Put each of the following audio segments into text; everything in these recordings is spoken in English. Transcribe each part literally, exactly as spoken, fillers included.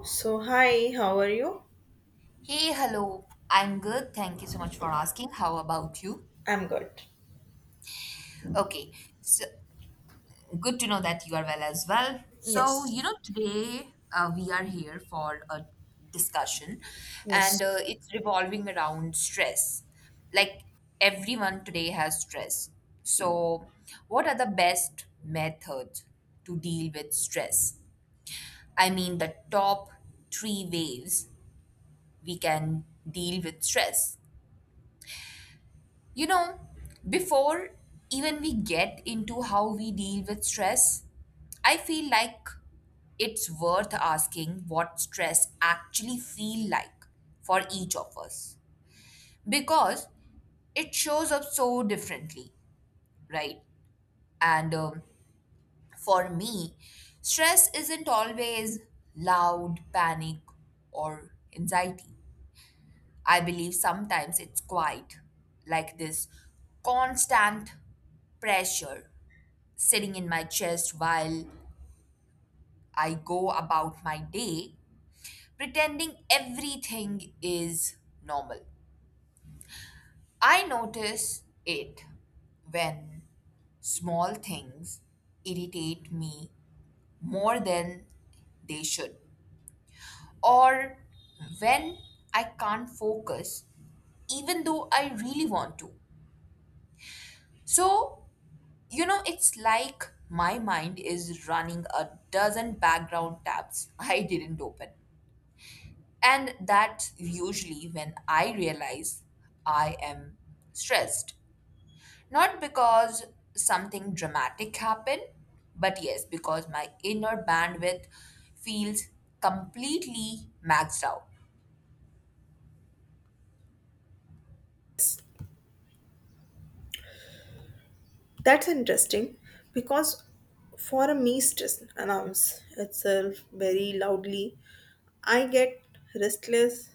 So, hi, how are you? Hey, hello. I'm good. Thank you so much for asking. How about you? I'm good. Okay, so good to know that you are well as well. So, Yes. you know, today uh, we are here for a discussion Yes. and uh, it's revolving around stress. Like everyone today has stress. So, what are the best methods to deal with stress? I mean, the top three ways we can deal with stress. You know, before even we get into how we deal with stress, I feel like it's worth asking what stress actually feel like for each of us because it shows up so differently, right? And um, For me, stress isn't always loud panic or anxiety. I believe sometimes it's quiet, like this constant pressure sitting in my chest while I go about my day, pretending everything is normal. I notice it when small things irritate me more than they should, or when I can't focus even though I really want to. So, you know, it's like my mind is running a dozen background tabs I didn't open. And that's usually when I realize I am stressed. Not because something dramatic happened, but yes, because my inner bandwidth feels completely maxed out. That's interesting because for a mist to announce itself very loudly, I get restless.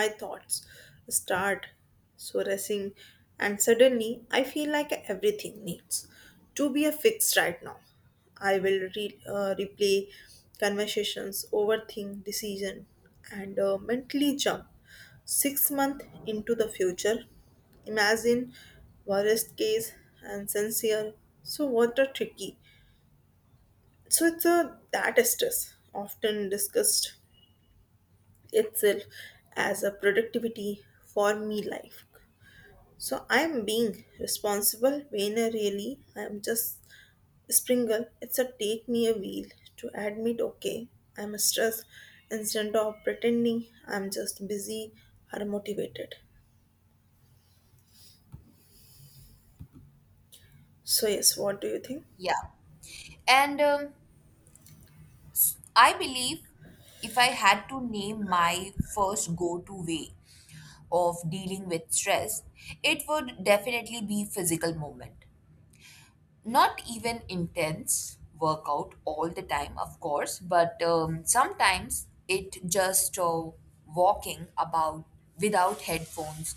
My thoughts start soaring, and suddenly I feel like everything needs to be a fix right now. I will re- uh, replay conversations, overthink decision, and uh, mentally jump six months into the future imagine worst case and sincere, so what a tricky, so it's a that stress often discussed itself as a productivity for me life, so I'm being responsible when I really I'm just sprinkle, it's a take me a wheel to admit, okay, I'm stressed instead of pretending I'm just busy or motivated. So yes, what do you think? Yeah. And um, I believe if I had to name my first go to way of dealing with stress, it would definitely be physical movement. Not even intense workout all the time, of course, but um, sometimes it just uh, walking about without headphones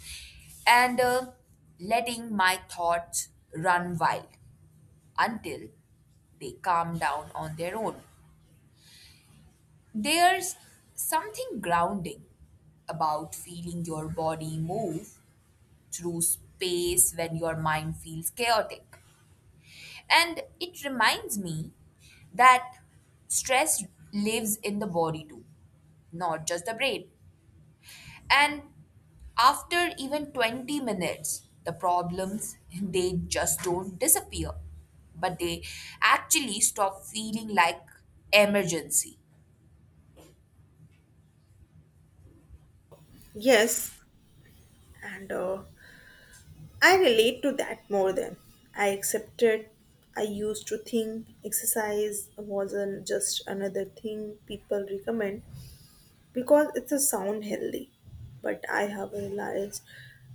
and uh, letting my thoughts run wild until they calm down on their own. There's something grounding about feeling your body move through space when your mind feels chaotic. And it reminds me that stress lives in the body too, not just the brain. And after even twenty minutes, the problems they just don't disappear, but they actually stop feeling like emergency. Yes, and uh, I relate to that more than I accepted. I used to think exercise wasn't just another thing people recommend because it's a sound healthy. But I have realized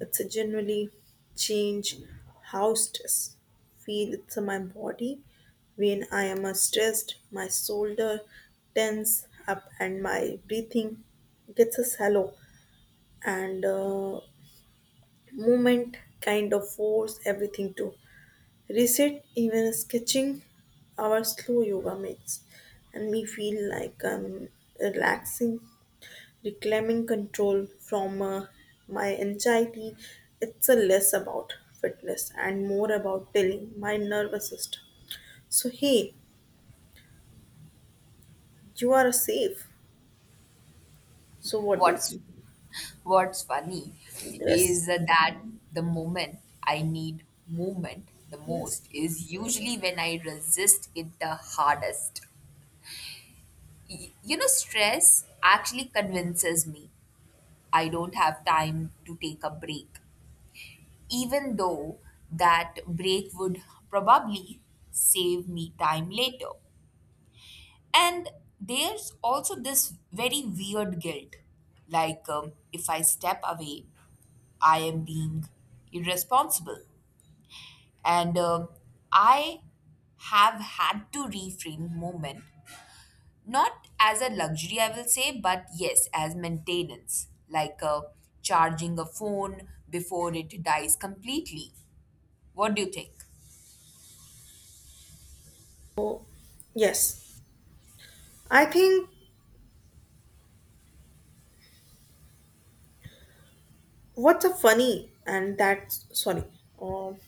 it's a generally change how stress feel it's in my body. When I am uh, stressed, my shoulder tense up and my breathing gets a shallow and uh, movement kind of force everything to reset. Even sketching our slow yoga makes and me feel like I'm relaxing, reclaiming control from uh, my anxiety. It's a less about fitness and more about telling my nervous system. So hey, you are safe. So what do you What's think? what's funny Yes. is that the moment I need movement the Yes. most is usually when I resist it the hardest. Y- You know, stress actually convinces me I don't have time to take a break, even though that break would probably save me time later. And there's also this very weird guilt like, um, if I step away, I am being irresponsible. And um I have had to reframe moment. Not as a luxury, I will say, but yes, as maintenance, like uh, charging a phone before it dies completely. What do you think? So yes, I think what's a funny and that's sorry, um,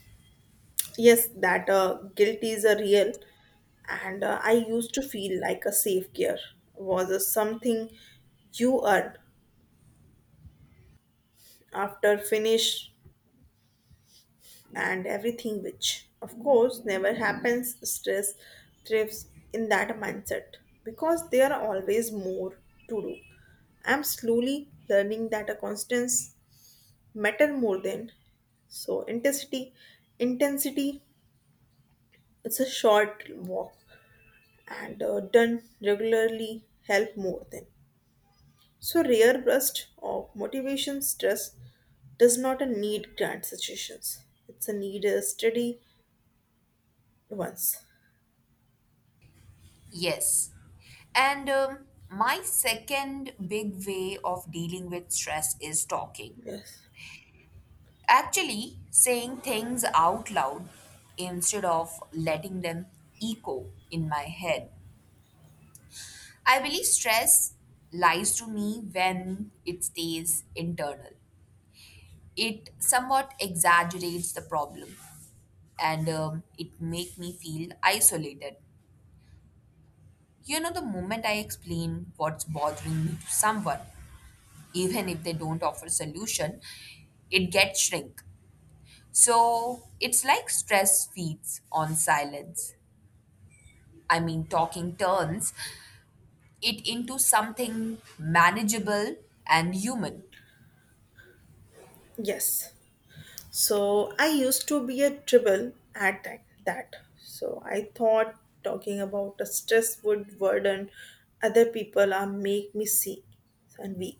yes that uh, guilt is a real and uh, I used to feel like a safe gear was a something you earn after finish and everything, which of course never happens. Stress thrives in that mindset because there are always more to do. I'm slowly learning that a constants matter more than so intensity intensity It's a short walk and uh, done regularly help more than. So rare burst of motivation, stress does not a need grand situations. It's a need a steady ones. Yes. And um, My second big way of dealing with stress is talking. Yes. Actually, saying things out loud instead of letting them echo in my head. I believe stress lies to me when it stays internal. It somewhat exaggerates the problem and um, it make me feel isolated. You know, the moment I explain what's bothering me to someone, even if they don't offer solution, it gets shrink. So it's like stress feeds on silence. I mean, talking turns it into something manageable and human. Yes. So I used to be a dribble at that. that. So I thought talking about a stress would burden other people or make me sick and weak.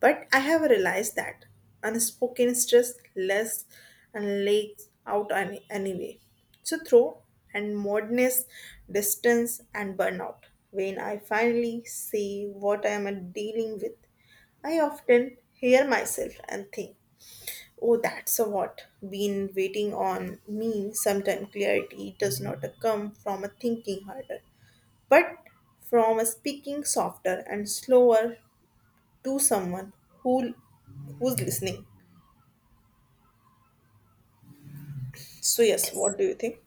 But I have realized that unspoken stress less and leaks out any, anyway. So throw and moderness, distance and burnout. When I finally see what I am dealing with, I often hear myself and think. Oh, that's a what. Been waiting on me. Sometimes clarity does not come from a thinking harder, but from a speaking softer and slower to someone who who's listening. So yes, Yes. what do you think?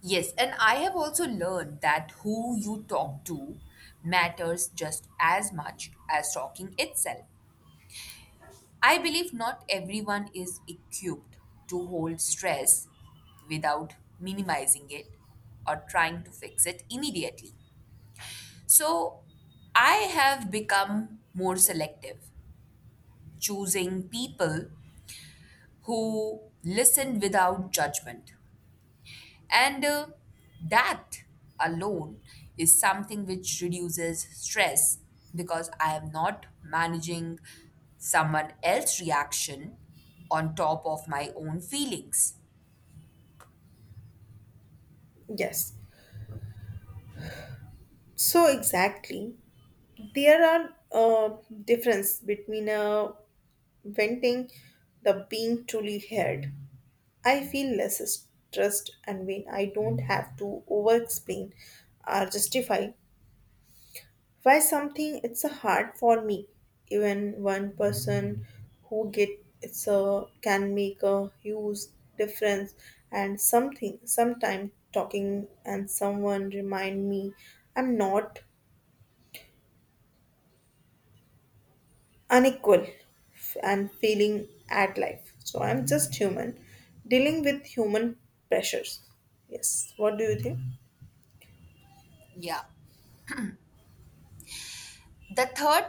Yes, and I have also learned that who you talk to matters just as much as talking itself. I believe not everyone is equipped to hold stress without minimizing it or trying to fix it immediately. So I have become more selective, choosing people who listen without judgment. And uh, That alone is something which reduces stress because I am not managing someone else's reaction on top of my own feelings. Yes. So exactly, there are uh, difference between uh, venting the being truly heard. I feel less stressed and when I don't have to over explain or justify why something it's a hard for me. Even one person who get it's a can make a huge difference, and something sometime talking and someone remind me I'm not unequal f- and feeling at life. So I'm just human dealing with human pressures. Yes. What do you think? Yeah. The third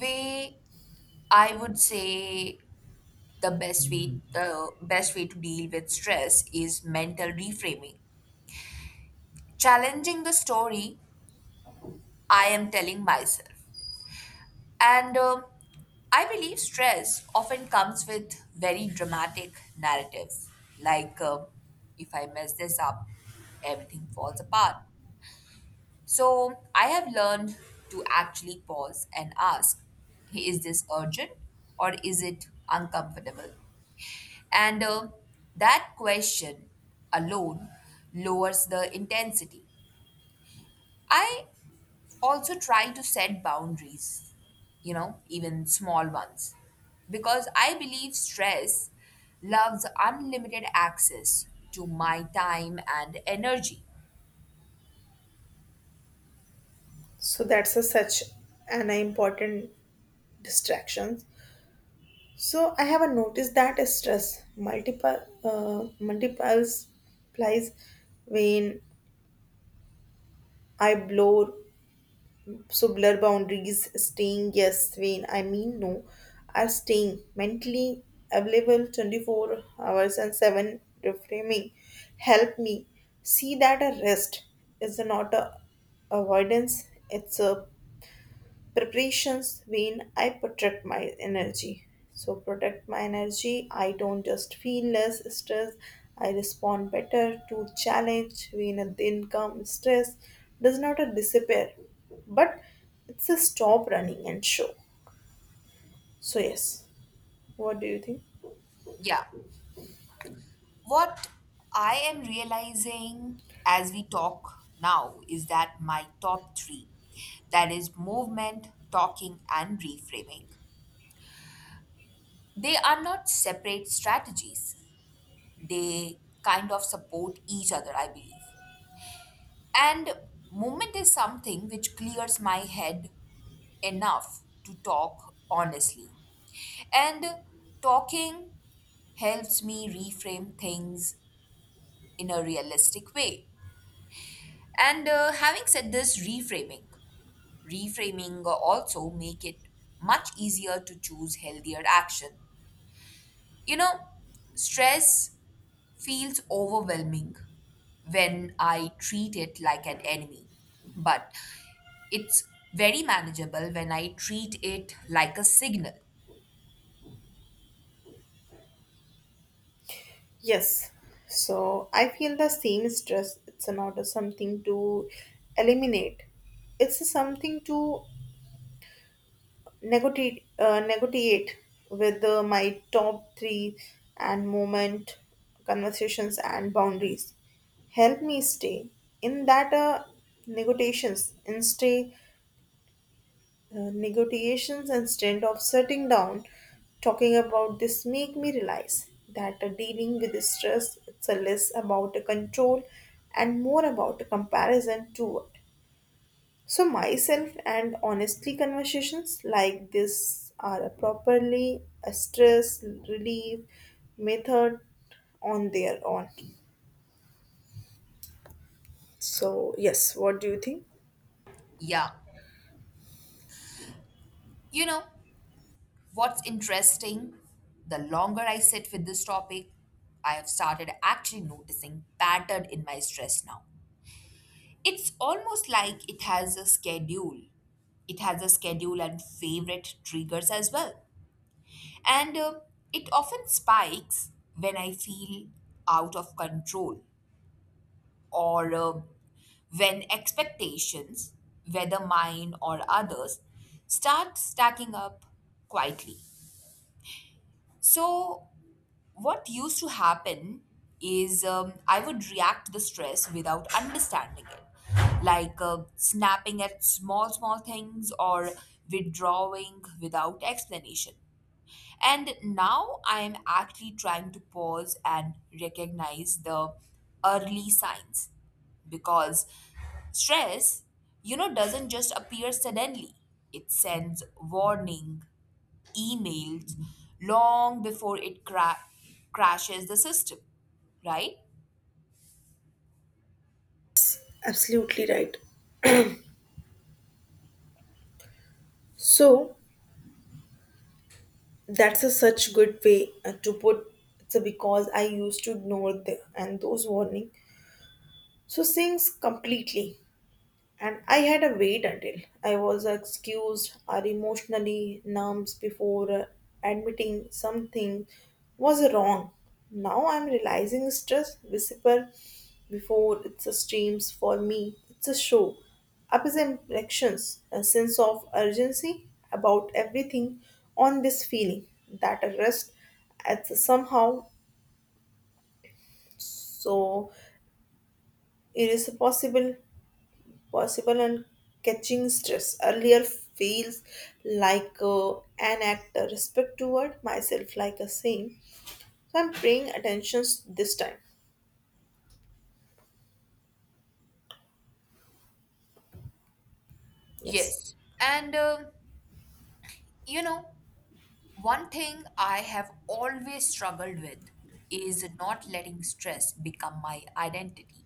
way I would say, the best way the best way to deal with stress is mental reframing. Challenging the story I am telling myself. And um I believe stress often comes with very dramatic narratives, like um if I mess this up, everything falls apart. So I have learned to actually pause and ask, "Hey, is this urgent or is it uncomfortable?" And uh, That question alone lowers the intensity. I also try to set boundaries, you know, even small ones. Because I believe stress loves unlimited access to my time and energy. So that's a such an important distractions. So I have a notice that stress multiple uh, multiples applies when I blow so blur boundaries staying yes when I mean no, are staying mentally available twenty-four hours and seven reframing help me see that a rest is not a avoidance. It's a preparations mean I protect my energy. So protect my energy. I don't just feel less stress. I respond better to challenge when a then come stress does not a disappear, but it's a stop running and show. So yes, what do you think? Yeah. What I am realizing as we talk now is that my top three, that is, movement, talking, and reframing, they are not separate strategies, they kind of support each other, I believe. And movement is something which clears my head enough to talk honestly. And talking helps me reframe things in a realistic way. And uh, Having said this, reframing. Reframing also make it much easier to choose healthier action. You know, stress feels overwhelming when I treat it like an enemy, but it's very manageable when I treat it like a signal. Yes. So I feel the same stress. It's not a something to eliminate. It's a something to negotiate, uh, negotiate with uh, my top three and moment conversations and boundaries. Help me stay in that uh, negotiations and stay uh, negotiations instead of sitting down. Talking about this make me realize that uh, dealing with stress it's a less about a control and more about a comparison to it. So, myself and honestly, conversations like this are a properly a stress relief method on their own. So, yes, what do you think? Yeah. You know, what's interesting? The longer I sit with this topic, I have started actually noticing pattern in my stress now. It's almost like it has a schedule. It has a schedule and favorite triggers as well. And uh, It often spikes when I feel out of control or uh, when expectations, whether mine or others, start stacking up quietly. So, what used to happen is um, I would react to the stress without understanding it, like uh, snapping at small, small things or withdrawing without explanation. And now I am actually trying to pause and recognize the early signs because stress, you know, doesn't just appear suddenly. It sends warning emails long before it cra- crashes the system, right? Absolutely right. So, that's a such good way uh, to put. So, because I used to ignore the and those warning, so things completely. And I had to wait until I was excused or emotionally numbed before uh, admitting something was wrong. Now I'm realizing stress whisper before it's a streams for me. It's a show. Up is impressions, a sense of urgency about everything on this feeling that a rest at somehow so irresponsible possible and catching stress. Earlier feels like uh, an act of respect toward myself, like a saying. So I'm paying attention this time. Yes. Yes. And, um, you know, one thing I have always struggled with is not letting stress become my identity.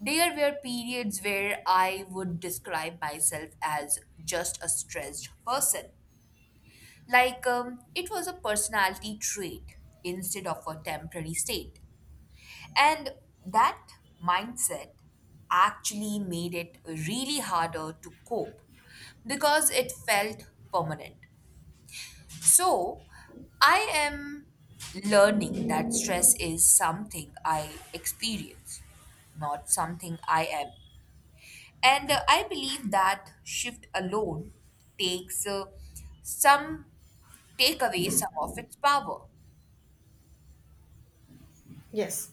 There were periods where I would describe myself as just a stressed person. Like um, it was a personality trait instead of a temporary state. And that mindset actually made it really harder to cope because it felt permanent. So I am learning that stress is something I experience, not something I am. And uh, I believe that shift alone takes uh, some take away some of its power. Yes.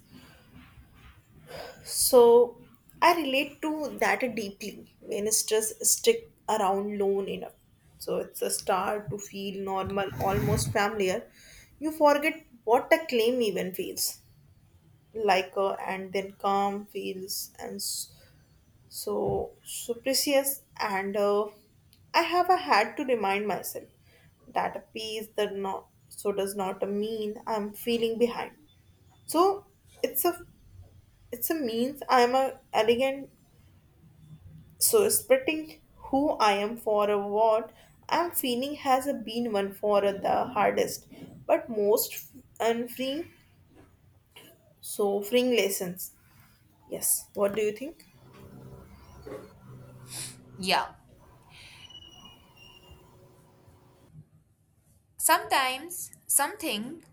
So I relate to that deeply when stress stick around long enough. So it's a start to feel normal, almost familiar. You forget what a claim even feels like, uh, and then calm feels and s- so, so precious, and uh, I have uh, had to remind myself that a piece that not so does not mean I'm feeling behind. So it's a it's a means I'm a elegant so splitting who I am for a what I'm feeling has been one for the hardest but most unfreeing so freeing lessons. Yes, what do you think? Yeah. Sometimes something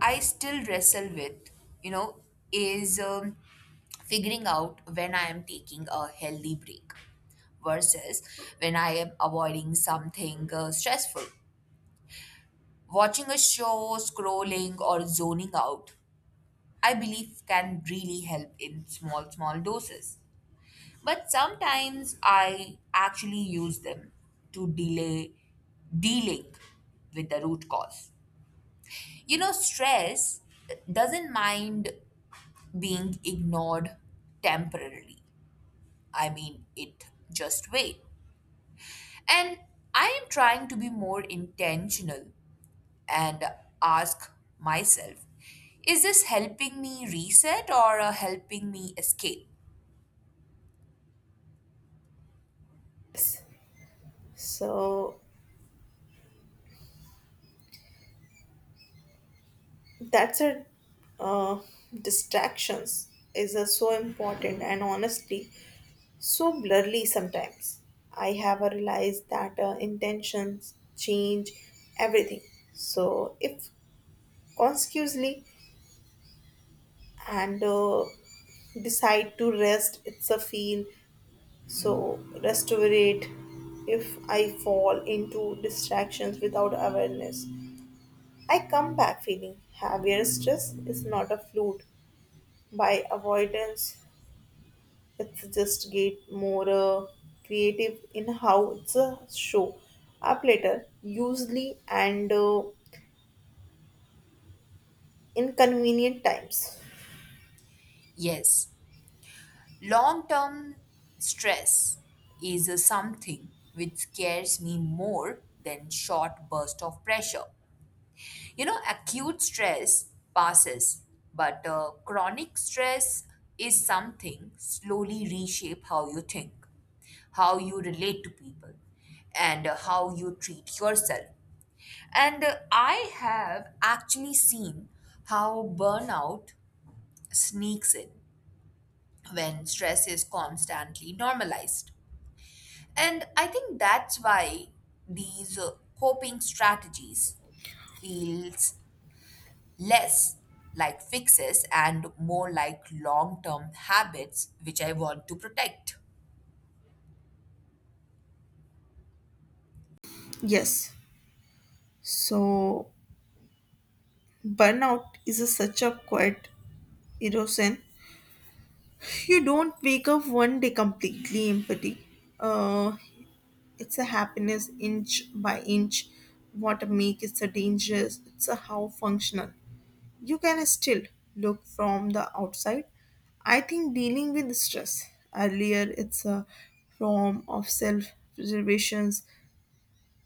I still wrestle with, you know, is um, figuring out when I am taking a healthy break versus when I am avoiding something uh, stressful. Watching a show, scrolling, or zoning out, I believe can really help in small, small doses. But sometimes I actually use them to delay, de-link with the root cause. You know, stress doesn't mind being ignored temporarily. I mean, it just wait. And I am trying to be more intentional and ask myself, is this helping me reset or uh, helping me escape? So that's a uh, distractions is a so important and honestly so blurry sometimes. I have a realized that uh, intentions change everything. So if consciously and uh, decide to rest it's a feel so restorate. If I fall into distractions without awareness, I come back feeling heavier. Stress is not a fluid by avoidance. It's just get more uh, creative in how it's a show up later usually and uh, inconvenient times. Yes. Long term stress is uh, something which scares me more than short burst of pressure. You know, acute stress passes, but uh, chronic stress is something slowly reshape how you think, how you relate to people, and uh, how you treat yourself. And uh, I have actually seen how burnout sneaks in when stress is constantly normalized. And I think that's why these uh, coping strategies feels less like fixes and more like long-term habits which I want to protect. Yes. So burnout is a, such a quiet erosion. You don't wake up one day completely empty. Uh, it's a happiness inch by inch. What make it's a dangerous. It's a how functional you can still look from the outside. I think dealing with stress earlier it's a form of self preservations.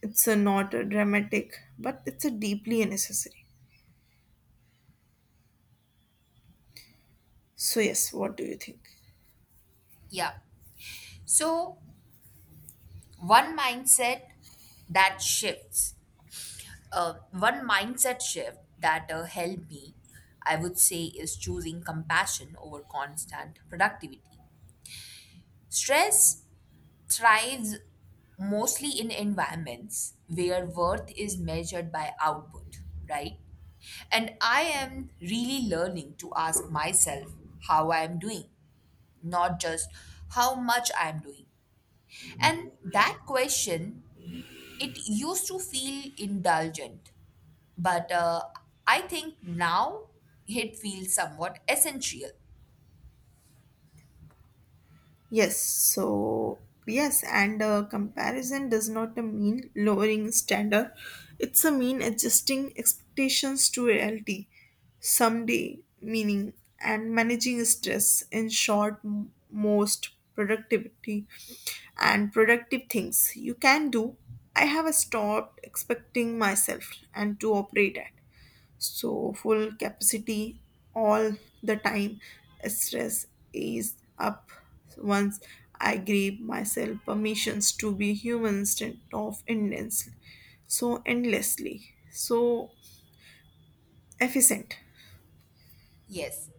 It's a not a dramatic, but it's a deeply necessary. So yes, what do you think? Yeah. So one mindset that shifts, uh, one mindset shift that uh, helped me, I would say, is choosing compassion over constant productivity. Stress thrives mostly in environments where worth is measured by output, right? And I am really learning to ask myself how I am doing, not just how much I am doing. And that question, it used to feel indulgent, but uh, I think now it feels somewhat essential. Yes, so yes, and uh, comparison does not mean lowering standard. It's a mean adjusting expectations to reality. Someday, meaning and managing stress. In short, m- most productivity and productive things you can do. I have stopped expecting myself and to operate at so full capacity all the time. Stress is up once I gave myself permissions to be human instead of endless so endlessly so efficient. Yes.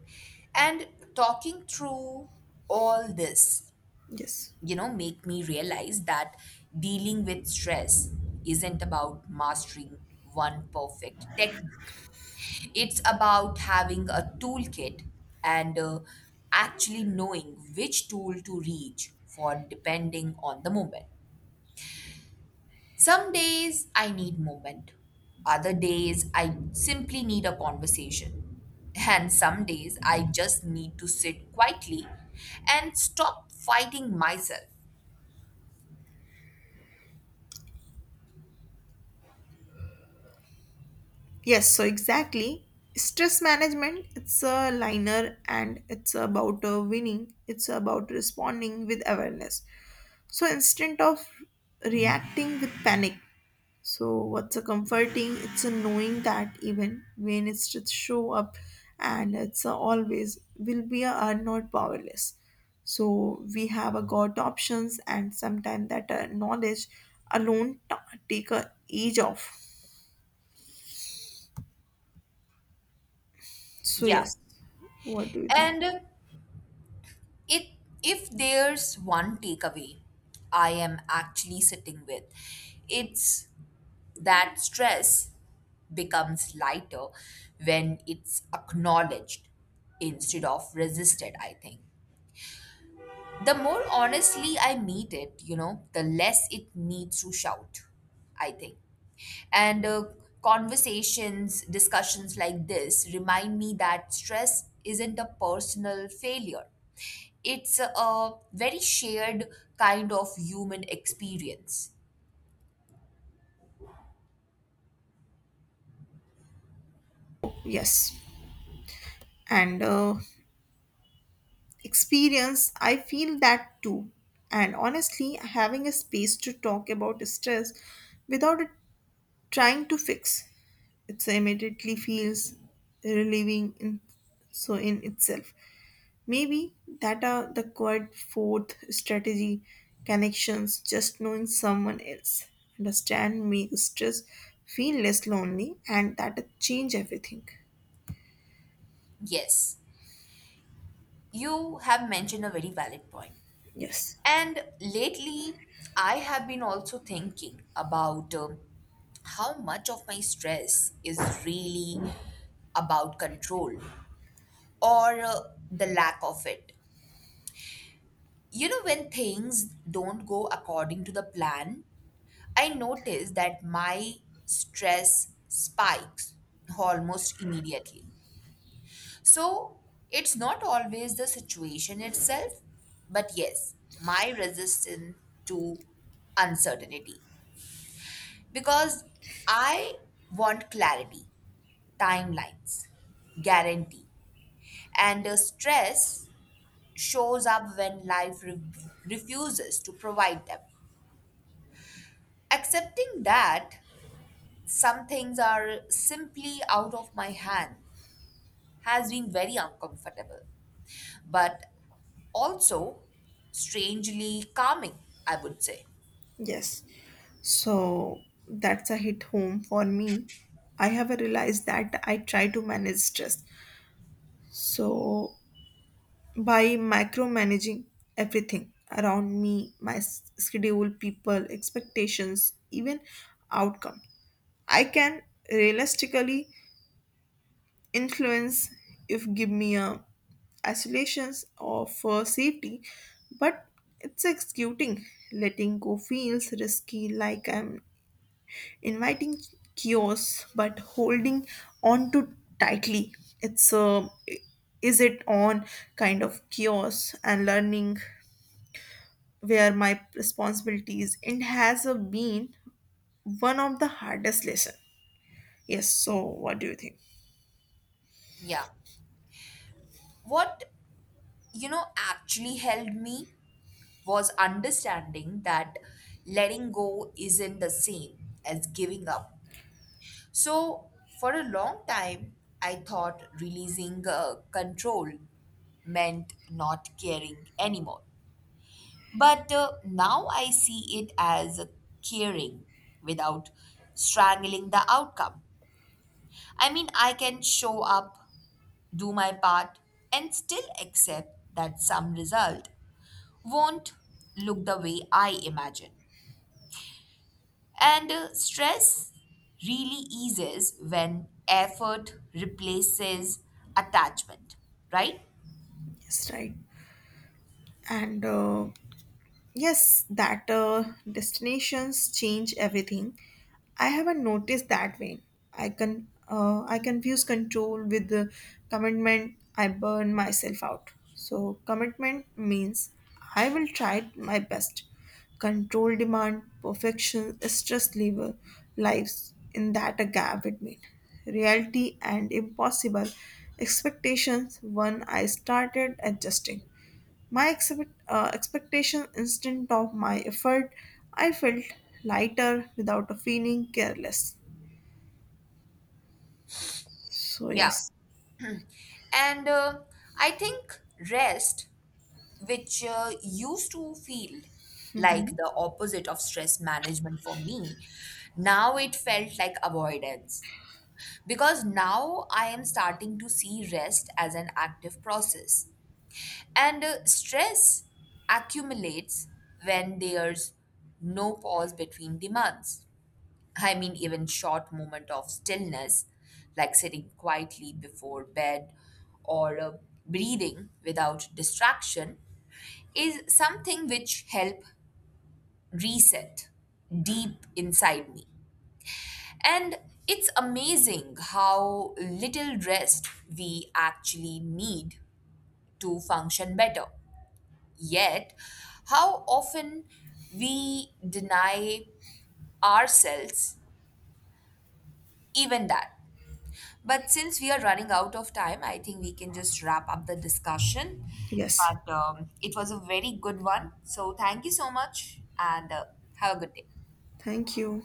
And talking through all this, Yes. you know, make me realize that dealing with stress isn't about mastering one perfect technique. It's about having a toolkit, and uh, actually knowing which tool to reach for depending on the moment. Some days I need movement, other days I simply need a conversation, and some days I just need to sit quietly and stop fighting myself. Yes, so exactly, stress management it's a liner and it's about uh, winning. It's about responding with awareness, so instead of reacting with panic. So what's a comforting? It's a knowing that even when it's just show up and it's a always will be a, are not powerless. So we have a got options, and sometimes that uh, knowledge alone ta take a age off. So Yeah. yes, what do you think? And it, if there's one takeaway I am actually sitting with, it's that stress becomes lighter when it's acknowledged instead of resisted, I think. The more honestly I meet it, you know, the less it needs to shout, I think. And uh, Conversations, discussions like this remind me that stress isn't a personal failure, it's a very shared kind of human experience. Yes, and uh, experience. I feel that too. And honestly, having a space to talk about stress without it trying to fix it immediately feels relieving in so in itself. Maybe that are the quite fourth strategy connections, just knowing someone else. Understand makes stress feel less lonely and that change everything. Yes, you have mentioned a very valid point. Yes. And lately, I have been also thinking about um, how much of my stress is really about control or uh, the lack of it. You know, when things don't go according to the plan, I notice that my stress spikes almost immediately. So it's not always the situation itself, but yes, my resistance to uncertainty. Because I want clarity, timelines, guarantee. And the stress shows up when life re- refuses to provide them. Accepting that some things are simply out of my hand has been very uncomfortable. But also strangely calming, I would say. Yes. So that's a hit home for me. I have realized that I try to manage stress. So by micromanaging everything around me, my s- schedule, people, expectations, even outcome I can realistically influence if give me a isolations or for safety, but it's executing letting go feels risky like I'm inviting chaos but holding on to tightly. It's a is it on kind of chaos. And learning where my responsibilities and has a been one of the hardest lesson. Yes, so what do you think? Yeah. What, you know, actually helped me was understanding that letting go isn't the same as giving up. So, for a long time, I thought releasing uh, control meant not caring anymore. But uh, now I see it as caring without strangling the outcome. I mean, I can show up, do my part, and still accept that some result won't look the way I imagine. And uh, Stress really eases when effort replaces attachment, right? Yes, right, and uh, yes, that uh, destinations change everything. I haven't noticed that way. I can uh, I confuse control with the commitment. I burn myself out. So commitment means I will try my best. Control demand perfection. Stress level lives in that a gap between reality and impossible expectations. One I started adjusting. My expect, uh, expectation instant of my effort, I felt lighter without a feeling careless. So Yeah. yes. And uh, I think rest, which uh, used to feel like Hmm. the opposite of stress management for me, now it felt like avoidance. Because now I am starting to see rest as an active process. And uh, Stress accumulates when there's no pause between demands. I mean, even short moment of stillness, like sitting quietly before bed or uh, breathing without distraction, is something which help reset deep inside me. And it's amazing how little rest we actually need to function better. Yet, how often we deny ourselves even that. But since we are running out of time, I think we can just wrap up the discussion. Yes. But um, it was a very good one. So, thank you so much and uh, have a good day. Thank you.